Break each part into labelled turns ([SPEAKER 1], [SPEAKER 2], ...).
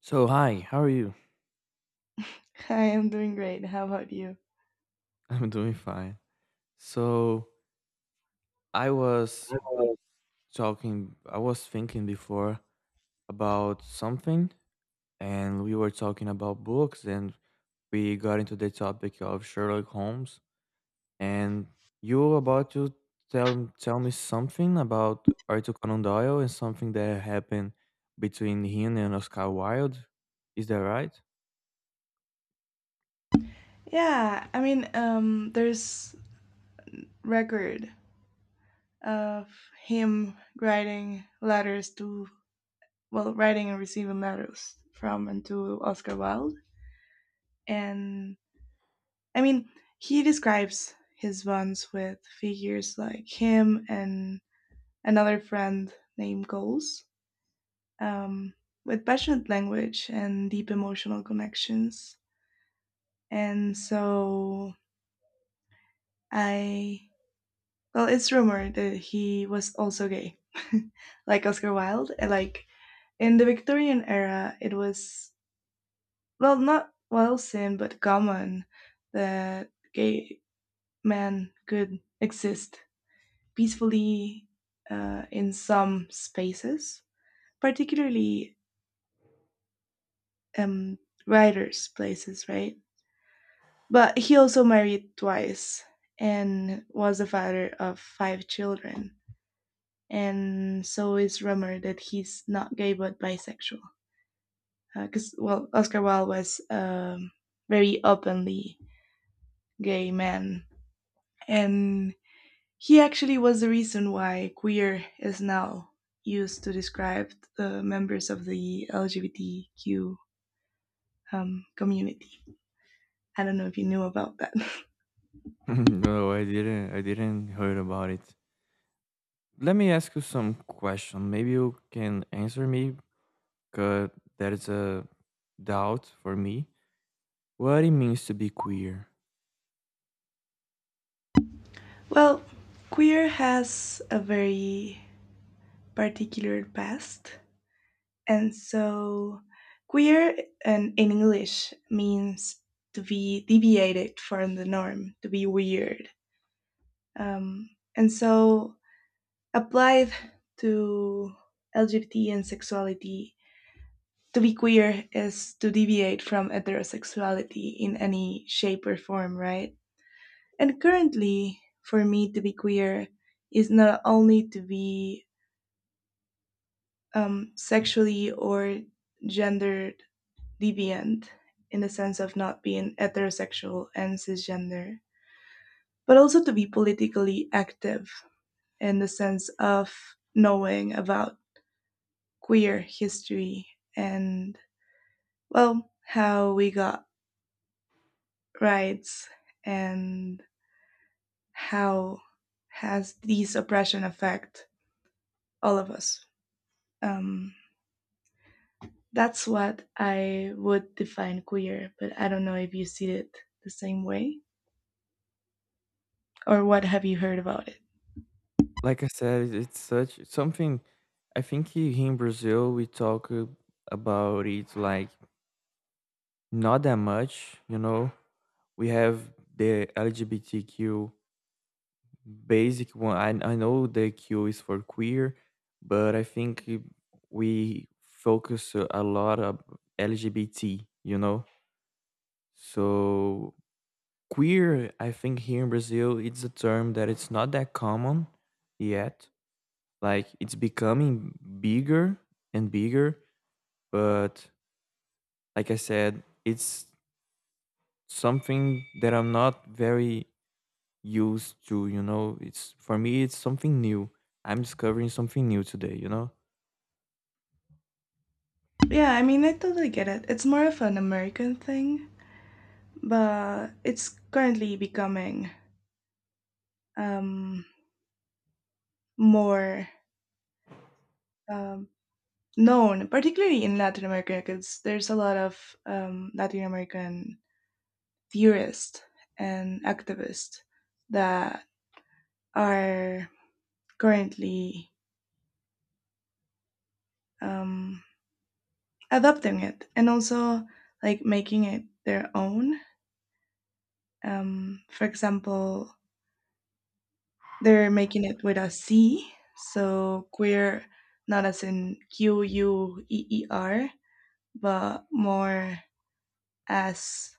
[SPEAKER 1] So, hi, how are you?
[SPEAKER 2] Hi, I'm doing great. How about you?
[SPEAKER 1] I'm doing fine. So, I was I was thinking before about something, and we were talking about books, and we got into the topic of Sherlock Holmes. And you were about to tell me something about Arthur Conan Doyle and something that happened between him and Oscar Wilde. Is that right?
[SPEAKER 2] Yeah, I mean, there's record of him writing letters to, well, writing and receiving letters from and to Oscar Wilde. And I mean, he describes his bonds with figures like him and another friend named Coles, um, with passionate language and deep emotional connections. And so, I Well, it's rumored that he was also gay, like Oscar Wilde. And like in the Victorian era, it was, well, not well seen but common that gay men could exist peacefully, in some spaces, particularly, um, writers' places, right? But he also married twice and was the father of five children. And so it's rumored that he's not gay but bisexual, because well, Oscar Wilde was a very openly gay man. And he actually was the reason why queer is now used to describe the members of the LGBTQ, community. I don't know if you knew about that.
[SPEAKER 1] No, I didn't. I didn't heard about it. Let me ask you some question. Maybe you can answer me, cause there is a doubt for me. What it means to be queer?
[SPEAKER 2] Well, queer has a very particular past. And so, queer in English means to be deviated from the norm, to be weird. Um, and so, applied to LGBT and sexuality, to be queer is to deviate from heterosexuality in any shape or form, right? And currently, for me, to be queer is not only to be, sexually or gendered deviant in the sense of not being heterosexual and cisgender, but also to be politically active in the sense of knowing about queer history and, well, how we got rights and how has this oppression affect all of us. Um, that's what I would define queer, but I don't know if you see it the same way, or what have you heard about it?
[SPEAKER 1] Like I said, it's something. I think here in Brazil we talk about it like not that much. You know, we have the LGBTQ basic one. I know the Q is for queer, but I think we focus a lot of LGBT. You know. So queer, I think here in Brazil, it's a term that it's not that common yet. Like it's becoming bigger and bigger, but like I said, it's something that I'm not very used to, you know. It's For me it's something new. I'm discovering something new today, you know?
[SPEAKER 2] Yeah, I mean, I totally get it. It's more of an American thing, but it's currently becoming, um, more, um, known, particularly in Latin America, because there's a lot of Latin American theorists and activists that are currently, um, adopting it and also like making it their own. For example, they're making it with a C, so queer, not as in queer, but more as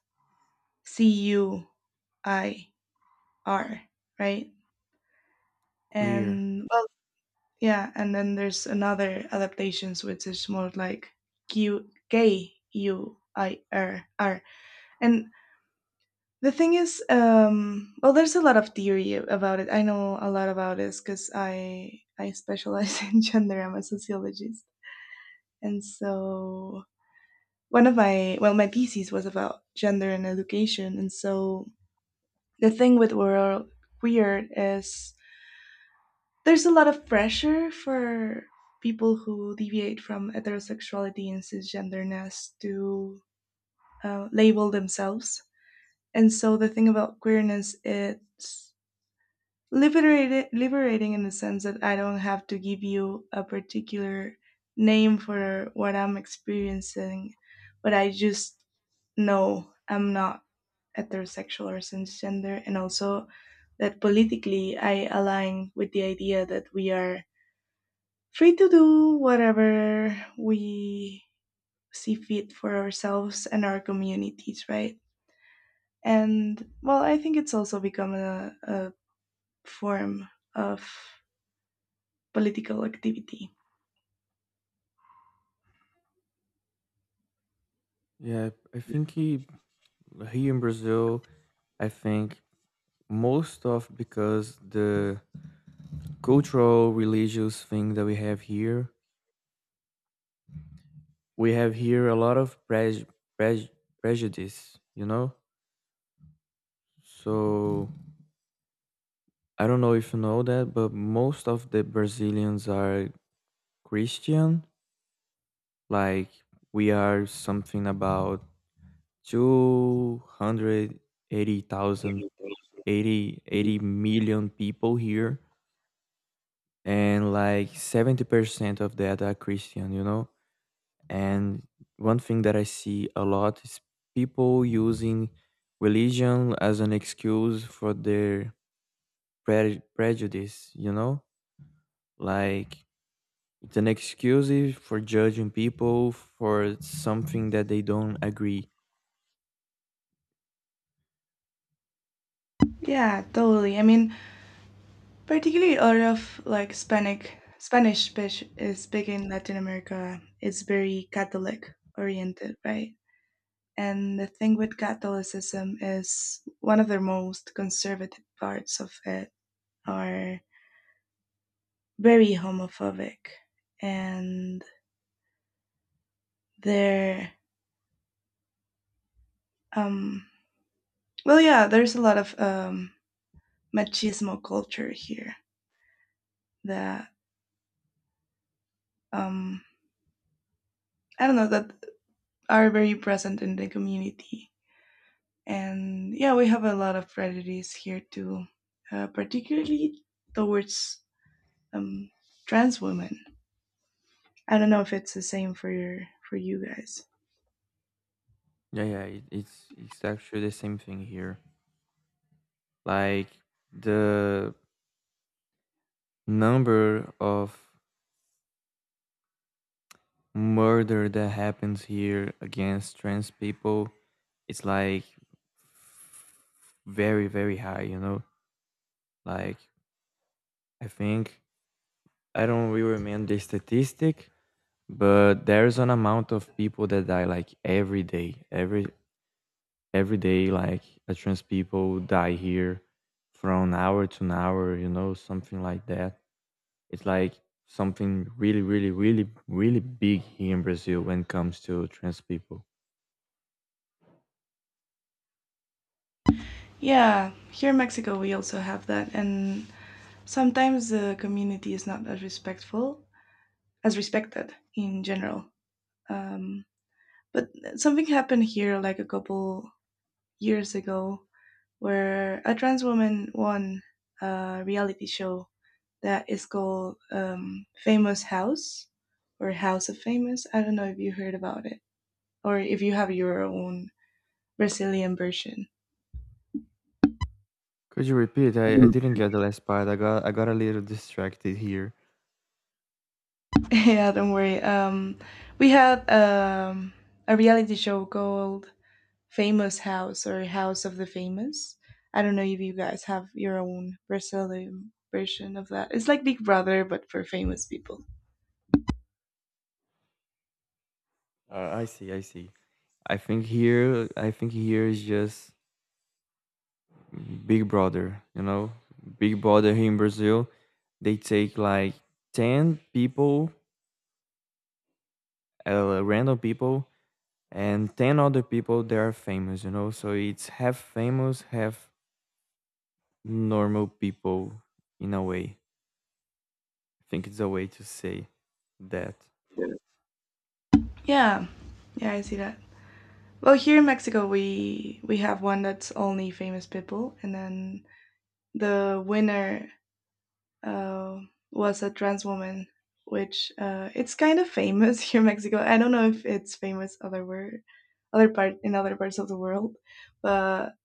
[SPEAKER 2] cuir, right?
[SPEAKER 1] Queer.
[SPEAKER 2] And well, yeah, and then there's another adaptations which is more like QKUIRR. And the thing is, well, there's a lot of theory about it. I know a lot about this because I specialize in gender. I'm a sociologist. And so, one of my well, my thesis was about gender and education. And so the thing with world queer is there's a lot of pressure for people who deviate from heterosexuality and cisgenderness to, label themselves. And so the thing about queerness, it's liberated liberating in the sense that I don't have to give you a particular name for what I'm experiencing, but I just know I'm not heterosexual or cisgender, and also that politically I align with the idea that we are free to do whatever we see fit for ourselves and our communities, right? And well, I think it's also become a form of political activity.
[SPEAKER 1] Yeah, I think here in Brazil, I think most of because the cultural religious thing that we have here, we have here a lot of prej- prejudice, you know. So I don't know if you know that, but most of the Brazilians are Christian. Like, we are something about 280,000, eighty million people here, and like 70% of that are Christian, you know. And one thing that I see a lot is people using religion as an excuse for their prejudice, you know? Like, it's an excuse for judging people for something that they don't agree.
[SPEAKER 2] Yeah, totally. I mean, particularly out of like Hispanic Spanish speaking Latin America, is very Catholic oriented, right? And the thing with Catholicism is one of the most conservative parts of it are very homophobic, and they're, um well, yeah, there's a lot of machismo culture here that, um I don't know, that are very present in the community. And yeah, we have a lot of prejudice here too, particularly towards, um, trans women. I don't know if it's the same for for you guys.
[SPEAKER 1] Yeah, yeah, it's actually the same thing here. Like, the number of murder that happens here against trans people, it's like very very high, you know. Like, I think, I don't really remember the statistic, but there's an amount of people that die like every day, every day. Like, a trans people die here from hour to an hour, you know, something like that. It's like something really really really really big here in Brazil when it comes to trans people.
[SPEAKER 2] Yeah, here in Mexico we also have that, and sometimes the community is not as respectful as respected in general. Um, but something happened here like a couple years ago where a trans woman won a reality show that is called, Famous House or House of Famous. I don't know if you heard about it or if you have your own Brazilian version.
[SPEAKER 1] Could you repeat? I
[SPEAKER 2] Mm.
[SPEAKER 1] didn't get the last part. I got a little distracted here.
[SPEAKER 2] Yeah, don't worry. We had, a reality show called Famous House or House of the Famous. I don't know if you guys have your own Brazilian version of that. It's like Big Brother, but for famous people.
[SPEAKER 1] I see, I see. I think here is just Big Brother, you know? Big Brother here in Brazil, they take like 10 people, random people, and 10 other people that are famous, you know? So it's half famous, half normal people, in a way. I think it's a way to say that.
[SPEAKER 2] Yeah. Yeah, yeah, I see that. Well, here in Mexico, we have one that's only famous people, and then the winner, uh, was a trans woman, which, it's kind of famous here in Mexico. I don't know if it's famous other parts of the world, but,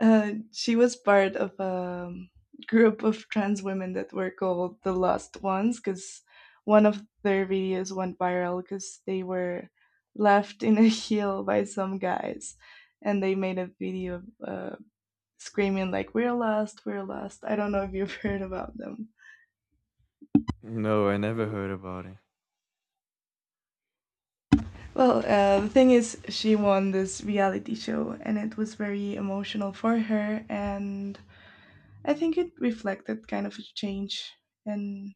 [SPEAKER 2] she was part of a, group of trans women that were called the Lost Ones, because one of their videos went viral because they were left in a heel by some guys, and they made a video, screaming like, we're lost, we're lost. I don't know if you've heard about them.
[SPEAKER 1] No, I never heard about it.
[SPEAKER 2] Well, the thing is she won this reality show, and it was very emotional for her. And I think it reflected kind of a change in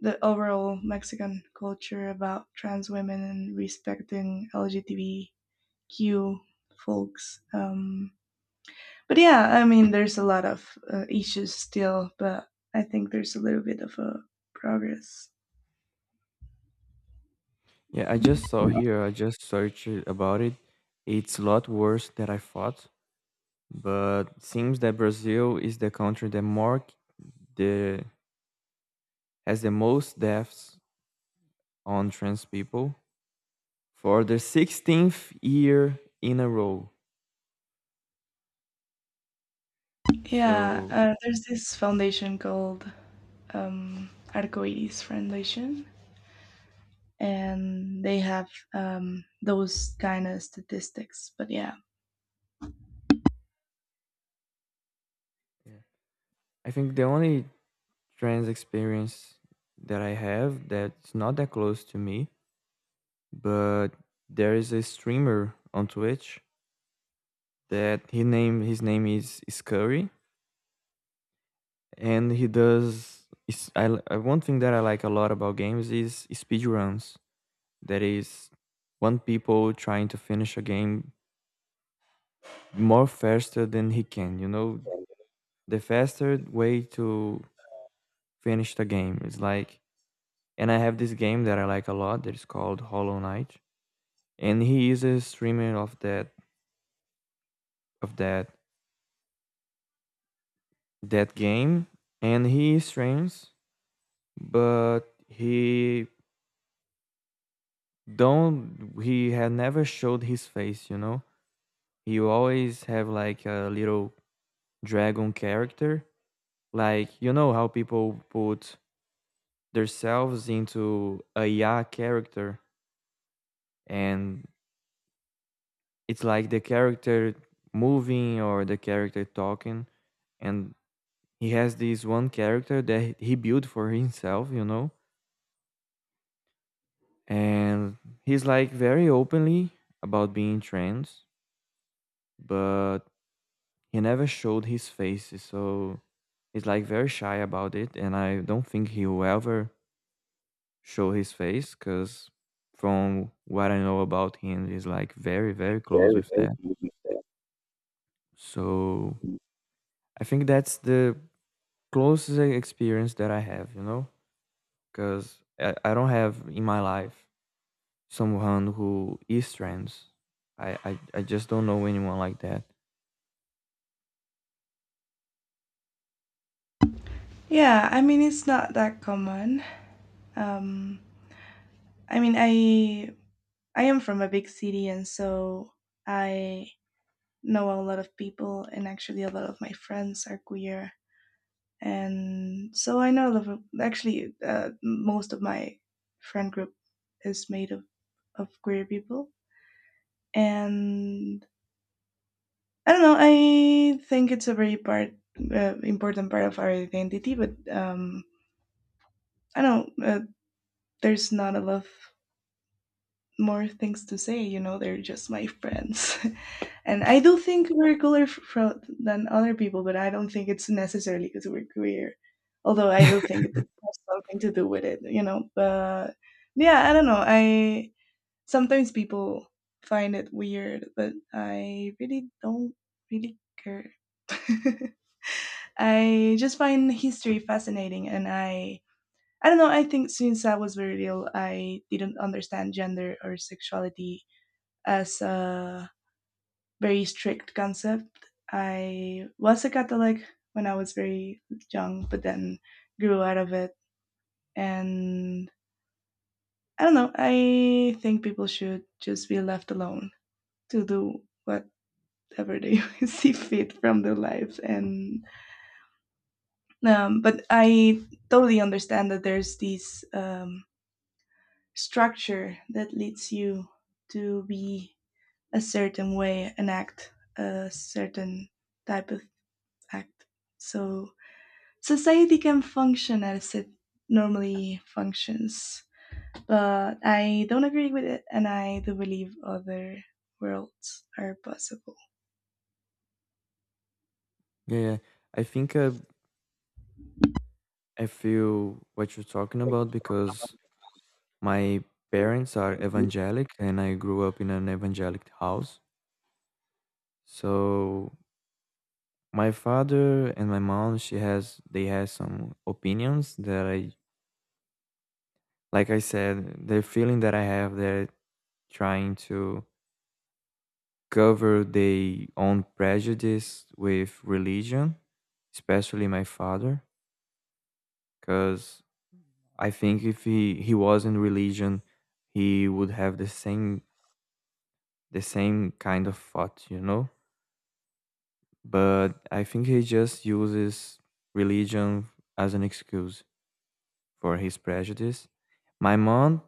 [SPEAKER 2] the overall Mexican culture about trans women and respecting LGBTQ folks. But yeah, I mean, there's a lot of, issues still, but I think there's a little bit of a progress.
[SPEAKER 1] Yeah, I just searched about it. It's a lot worse than I thought, but seems that Brazil is the country that more k- the has the most deaths on trans people for the 16th year in a row.
[SPEAKER 2] Yeah,
[SPEAKER 1] So
[SPEAKER 2] there's this foundation called, Arcoiris Foundation, and they have, those kind of statistics. But yeah,
[SPEAKER 1] yeah. I think the only trans experience that I have, that's not that close to me, but there is a streamer on Twitch that he name his name is Scurry, and he does is I, li- I one thing that I like a lot about games is speedruns. That is, one people trying to finish a game more faster than he can, you know? The faster way to finish the game is, like, and I have this game that I like a lot that is called Hollow Knight. And he is a streamer of of that that game, and he streams, but he he had never showed his face, you know. He always have like a little dragon character. Like, you know how people put themselves into a ya character, and it's like the character moving or the character talking, and he has this one character that he built for himself, you know, and he's like very openly about being trans, but he never showed his face, so he's like very shy about it, and I don't think he will ever show his face, because from what I know about him, he's like very, very close
[SPEAKER 2] Very,
[SPEAKER 1] with
[SPEAKER 2] very
[SPEAKER 1] that. So
[SPEAKER 2] good.
[SPEAKER 1] I think that's the closest experience that I have, you know, because I don't have in my life someone who is trans. I just don't know anyone like that.
[SPEAKER 2] Yeah, I mean, it's not that common. Um, I mean, I am from a big city, and so I know a lot of people, and actually, a lot of my friends are queer, and so I know a lot of, actually, most of my friend group is made of queer people, and I don't know. I think it's a very part important part of our identity, but, I don't. There's not a lot more things to say. You know, they're just my friends. And I do think we're cooler than other people, but I don't think it's necessarily because we're queer. Although I do think it has something to do with it. But yeah, I don't know. I sometimes people find it weird, but I really don't really care. I just find history fascinating, and I don't know. I think since I was very little, I didn't understand gender or sexuality as a very strict concept. I was a Catholic when I was very young, but then grew out of it. And I don't know, I think people should just be left alone to do whatever they see fit from their lives. And, but I totally understand that there's this, structure that leads you to be a certain way and act a certain type of act. So society can function as it normally functions. But I don't agree with it, and I do believe other worlds are possible.
[SPEAKER 1] Yeah, yeah. I think I feel what you're talking about because my parents are evangelic and I grew up in an evangelic house. So, my father and my mom, she has they have some opinions that, I like I said, the feeling that I have, they're trying to cover their own prejudice with religion, especially my father, because I think if he was in religion, he would have the same kind of thought, you know. But I think he just uses religion as an excuse for his prejudice. My mom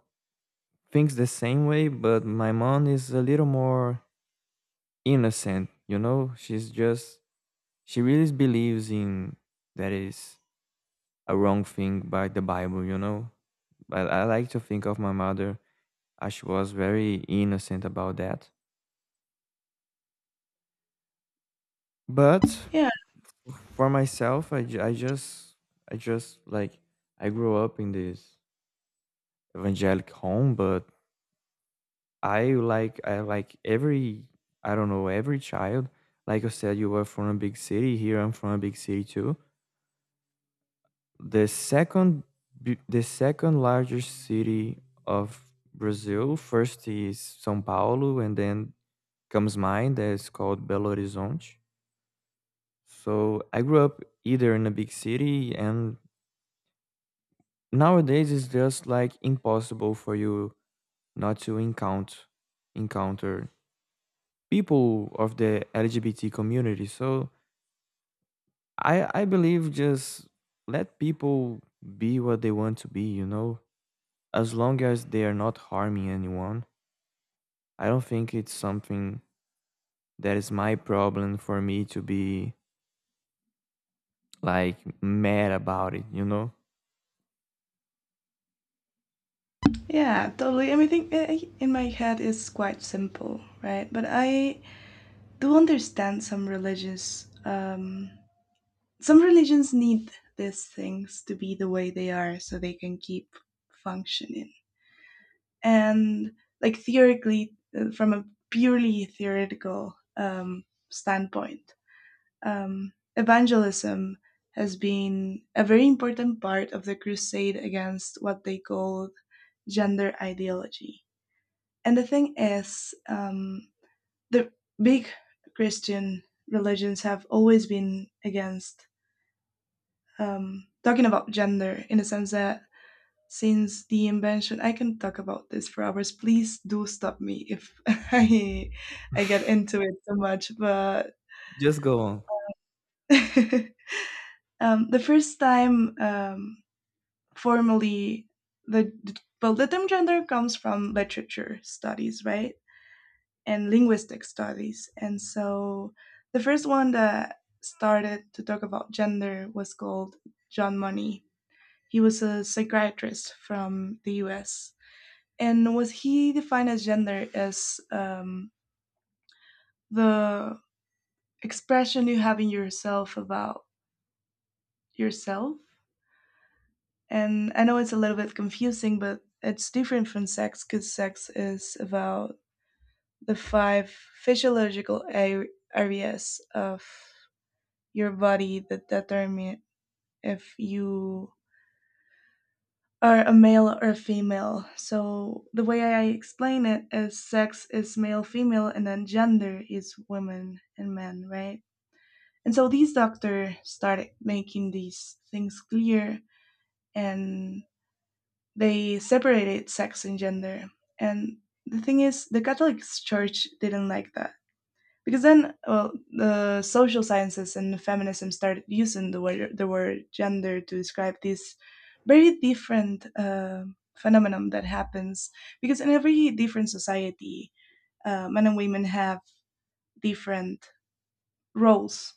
[SPEAKER 1] thinks the same way, but my mom is a little more innocent, you know? She's just, she really believes in that is a wrong thing by the Bible, you know? But I like to think of my mother as she was very innocent about that. But
[SPEAKER 2] Yeah,
[SPEAKER 1] for myself, I just like, I grew up in this evangelic home, but I like every I don't know, every child. Like I said, you were from a big city. Here I'm from a big city too. The second the second largest city of Brazil. First is São Paulo, and then comes mine that is called Belo Horizonte. So I grew up either in a big city, and nowadays it's just like impossible for you not to encounter people of the LGBT community. So I believe, just let people be what they want to be, you know, as long as they are not harming anyone. I don't think it's something that is my problem for me to be like mad about it, you know.
[SPEAKER 2] yeah, totally. I mean, I think, in my head it's quite simple, right? But I do understand some religious. Some religions need these things to be the way they are so they can keep functioning. And like theoretically, from a purely theoretical, standpoint, evangelism has been a very important part of the crusade against what they called gender ideology. And the thing is, the big Christian religions have always been against, talking about gender in the sense that since the invention. I can talk about this for hours, please do stop me if i I get into it too much, but
[SPEAKER 1] Just go on.
[SPEAKER 2] the first time, formally, the well the term gender comes from literature studies, right, and linguistic studies, and so the first one that started to talk about gender was called John Money. He was a psychiatrist from the US. And was he defined as gender as, the expression you have in yourself about yourself? And I know it's a little bit confusing, but it's different from sex because sex is about the five physiological areas of your body that determine if you are a male or a female. So the way I explain it is sex is male, female, and then gender is women and men, right? And so these doctors started making these things clear, and they separated sex and gender. And the thing is, the Catholic Church didn't like that. Because then, well, the social sciences and feminism started using the word gender to describe this very different, phenomenon that happens. Because in every different society, men and women have different roles,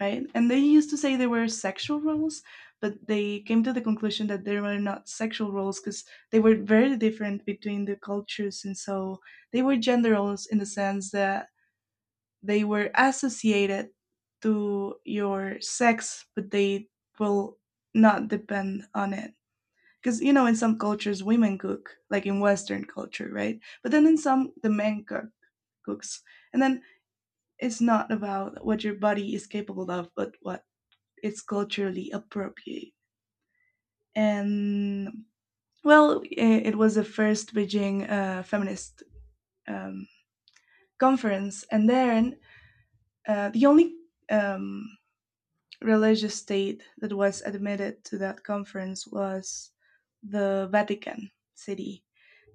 [SPEAKER 2] right? And they used to say they were sexual roles, but they came to the conclusion that they were not sexual roles because they were very different between the cultures. And so they were gender roles in the sense that they were associated to your sex, but they will not depend on it. Because, you know, in some cultures, women cook, like in Western culture, right? But then in some, the men cook, cooks. And then it's not about what your body is capable of, but what it's culturally appropriate. And well, it was the first Beijing feminist um, conference, and then the only um, religious state that was admitted to that conference was the Vatican City,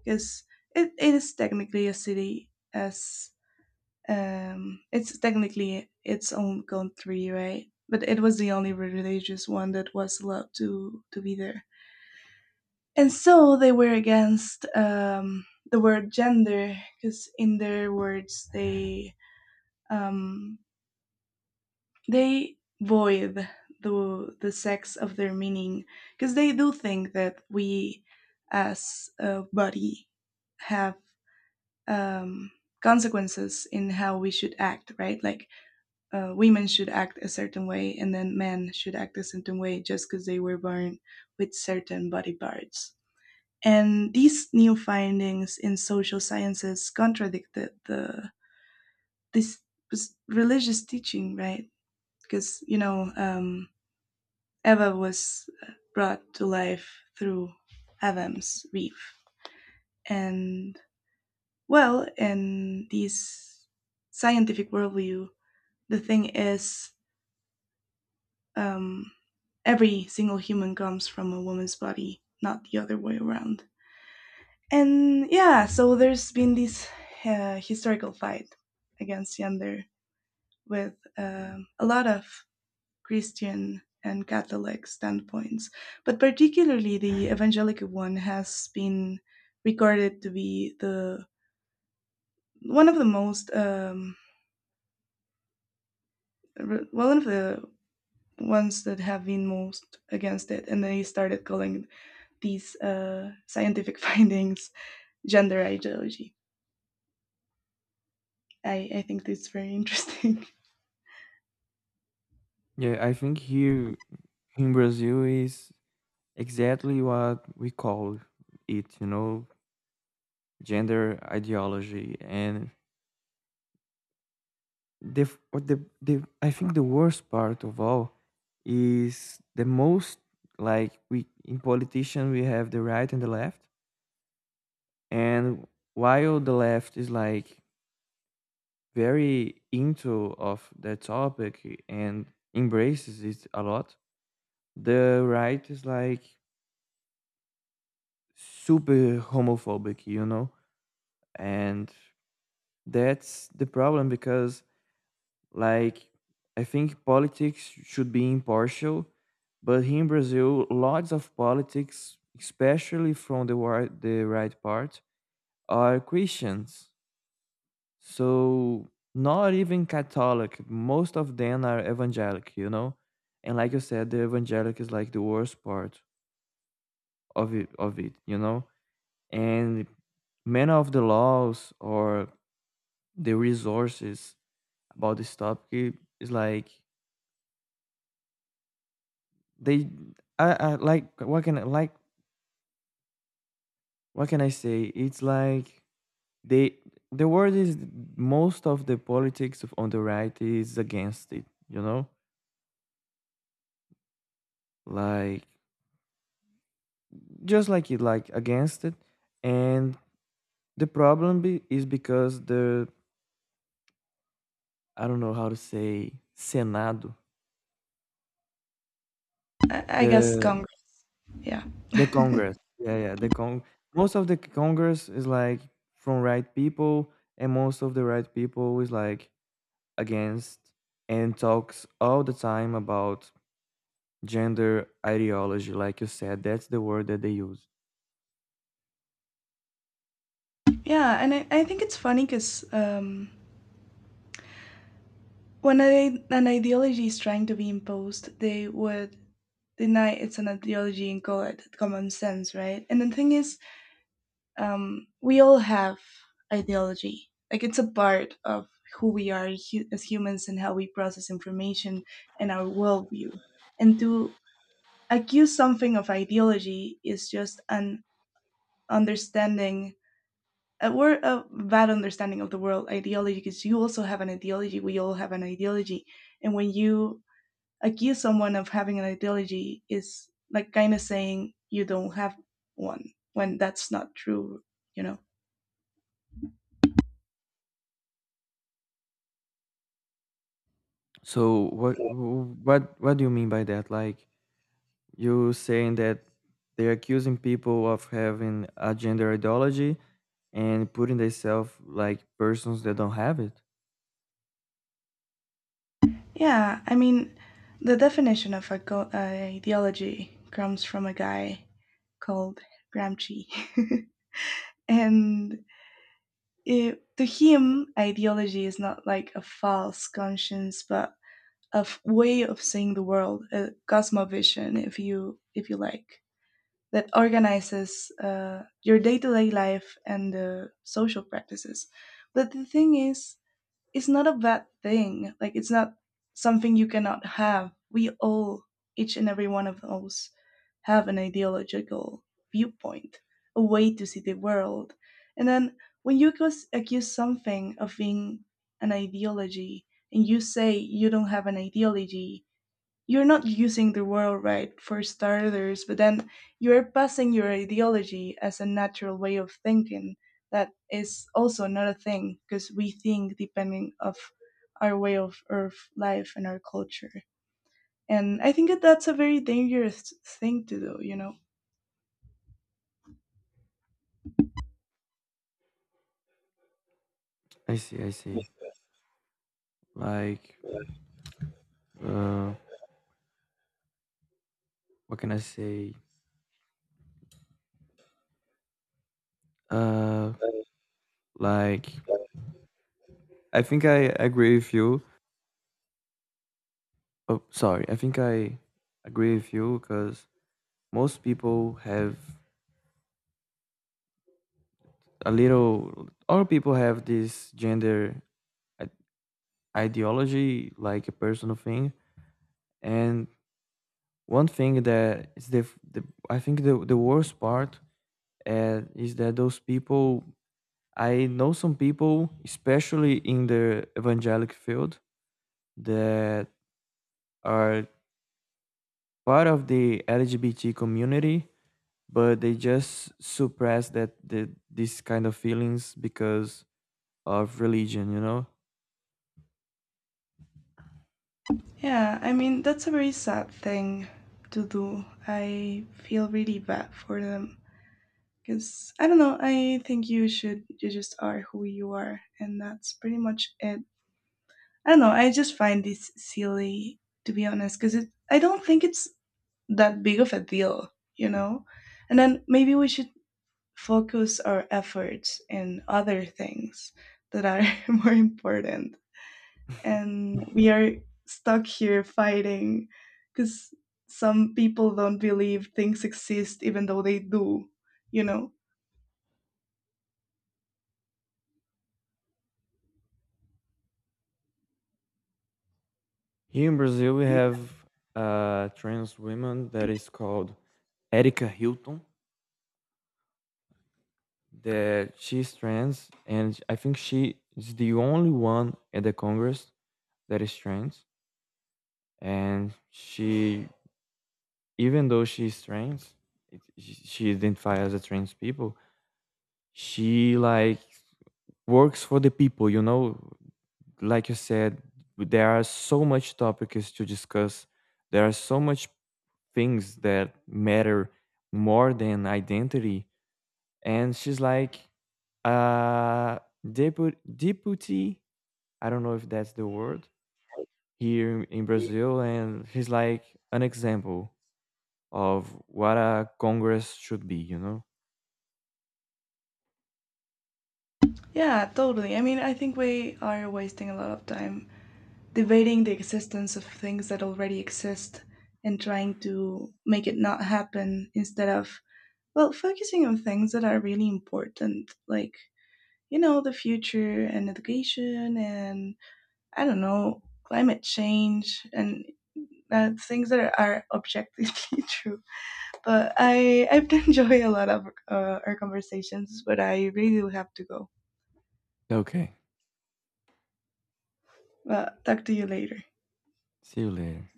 [SPEAKER 2] because it is technically a city as it's technically its own country, right? But it was the only religious one that was allowed to be there. And so they were against the word gender because, in their words, um, they void the sex of their meaning, because they do think that we, as a body, have um, consequences in how we should act. Right, like women should act a certain way, and then men should act a certain way just because they were born with certain body parts. And these new findings in social sciences contradicted the this religious teaching, right? Because Eva was brought to life through Adam's reef, and well, in this scientific worldview, the thing is, um, every single human comes from a woman's body, not the other way around. And yeah, so there's been this historical fight against gender with a lot of Christian and Catholic standpoints, but particularly the evangelical one has been recorded to be the one of the most one of the ones that have been most against it, and they started calling these scientific findings gender ideology. I think that's very interesting.
[SPEAKER 1] Yeah, I think here in Brazil is exactly what we call it, you know, gender ideology. And the f- or the I think the worst part of all is, the most like, we in politician, we have the right and the left, and while the left is like very into of the topic and embraces it a lot, the right is like super homophobic, you know, and that's the problem. Because, like, I think politics should be impartial, but here in Brazil, lots of politics, especially from the right part, are Christians. So, not even Catholic. Most of them are evangelic, you know? And like you said, the evangelic is like the worst part of it, you know? And many of the laws or the resources about this topic is, like, they— I like what can I like what can I say? It's like they the word is most of the politics of on the right is against it, you know? Like, just like it, like, against it. And the problem is because the I don't know how to say Senado,
[SPEAKER 2] I guess
[SPEAKER 1] the
[SPEAKER 2] Kong. Yeah.
[SPEAKER 1] the Congress. Yeah, yeah, the con most of the Congress is like from right people, and most of the right people is like against, and talks all the time about gender ideology, like you said, that's the word that they use.
[SPEAKER 2] Yeah. And I think it's funny because, when I, an ideology is trying to be imposed, they would deny it's an ideology and call it common sense, right? And the thing is, we all have ideology. Like, it's a part of who we are as humans, and how we process information and our worldview. And to accuse something of ideology is just an understanding, a bad understanding of the world ideology, because you also have an ideology, we all have an ideology. And when you accuse someone of having an ideology is like kind of saying you don't have one, when that's not true, you know?
[SPEAKER 1] So what what do you mean by that? Like, you saying that they're accusing people of having a gender ideology and putting themselves like persons that don't have it?
[SPEAKER 2] Yeah, I mean, the definition of ideology comes from a guy called Gramsci and, to him ideology is not like a false conscience but way of seeing the world, a cosmovision, if you like, that organizes your day to day life and the social practices. But the thing is, it's not a bad thing. Like, it's not something you cannot have. We all, each and every one of us, have an ideological viewpoint, a way to see the world. And then when you accuse something of being an ideology, and you say you don't have an ideology, you're not using the world right for starters, but then you're passing your ideology as a natural way of thinking, that is also not a thing because we think depending of our way of life and our culture. And I think that that's a very dangerous thing to do, you know?
[SPEAKER 1] I see, I see. Like, uh what can I say, uh like, I think I agree with you. Oh, sorry. I think I agree with you, because most people have a little, all people have this gender i- ideology, like a personal thing. And one thing that is the I think the worst part, is that those people, I know some people, especially in the evangelic field, that are part of the LGBT community, but they just suppress that these kind of feelings because of religion, you know.
[SPEAKER 2] Yeah, I mean, that's a very sad thing to do. I feel really bad for them, because I don't know. I think you should. You just are who you are, and that's pretty much it. I don't know. I just find this silly, to be honest, because it. I don't think it's that big of a deal, you know. And then maybe we should focus our efforts in other things that are more important. And we are stuck here fighting because some people don't believe things exist, even though they do, you know.
[SPEAKER 1] Here in Brazil we have a trans woman that is called Erica Hilton, that she's trans, and I think she is the only one at the Congress that is trans. And she, even though she's trans, it, she identifies as a trans people. She, like, works for the people, you know, like you said, there are so much topics to discuss. There are so much things that matter more than identity. And she's like, uh, deputy. I don't know if that's the word here in Brazil. And he's like an example of what a Congress should be, you know?
[SPEAKER 2] Yeah, totally. I mean, I think we are wasting a lot of time debating the existence of things that already exist and trying to make it not happen, instead of well focusing on things that are really important, like, you know, the future and education and, I don't know, climate change and things that are objectively true. But I've enjoyed a lot of our conversations, but I really do have to go.
[SPEAKER 1] Okay.
[SPEAKER 2] Well, talk to you later.
[SPEAKER 1] See you later.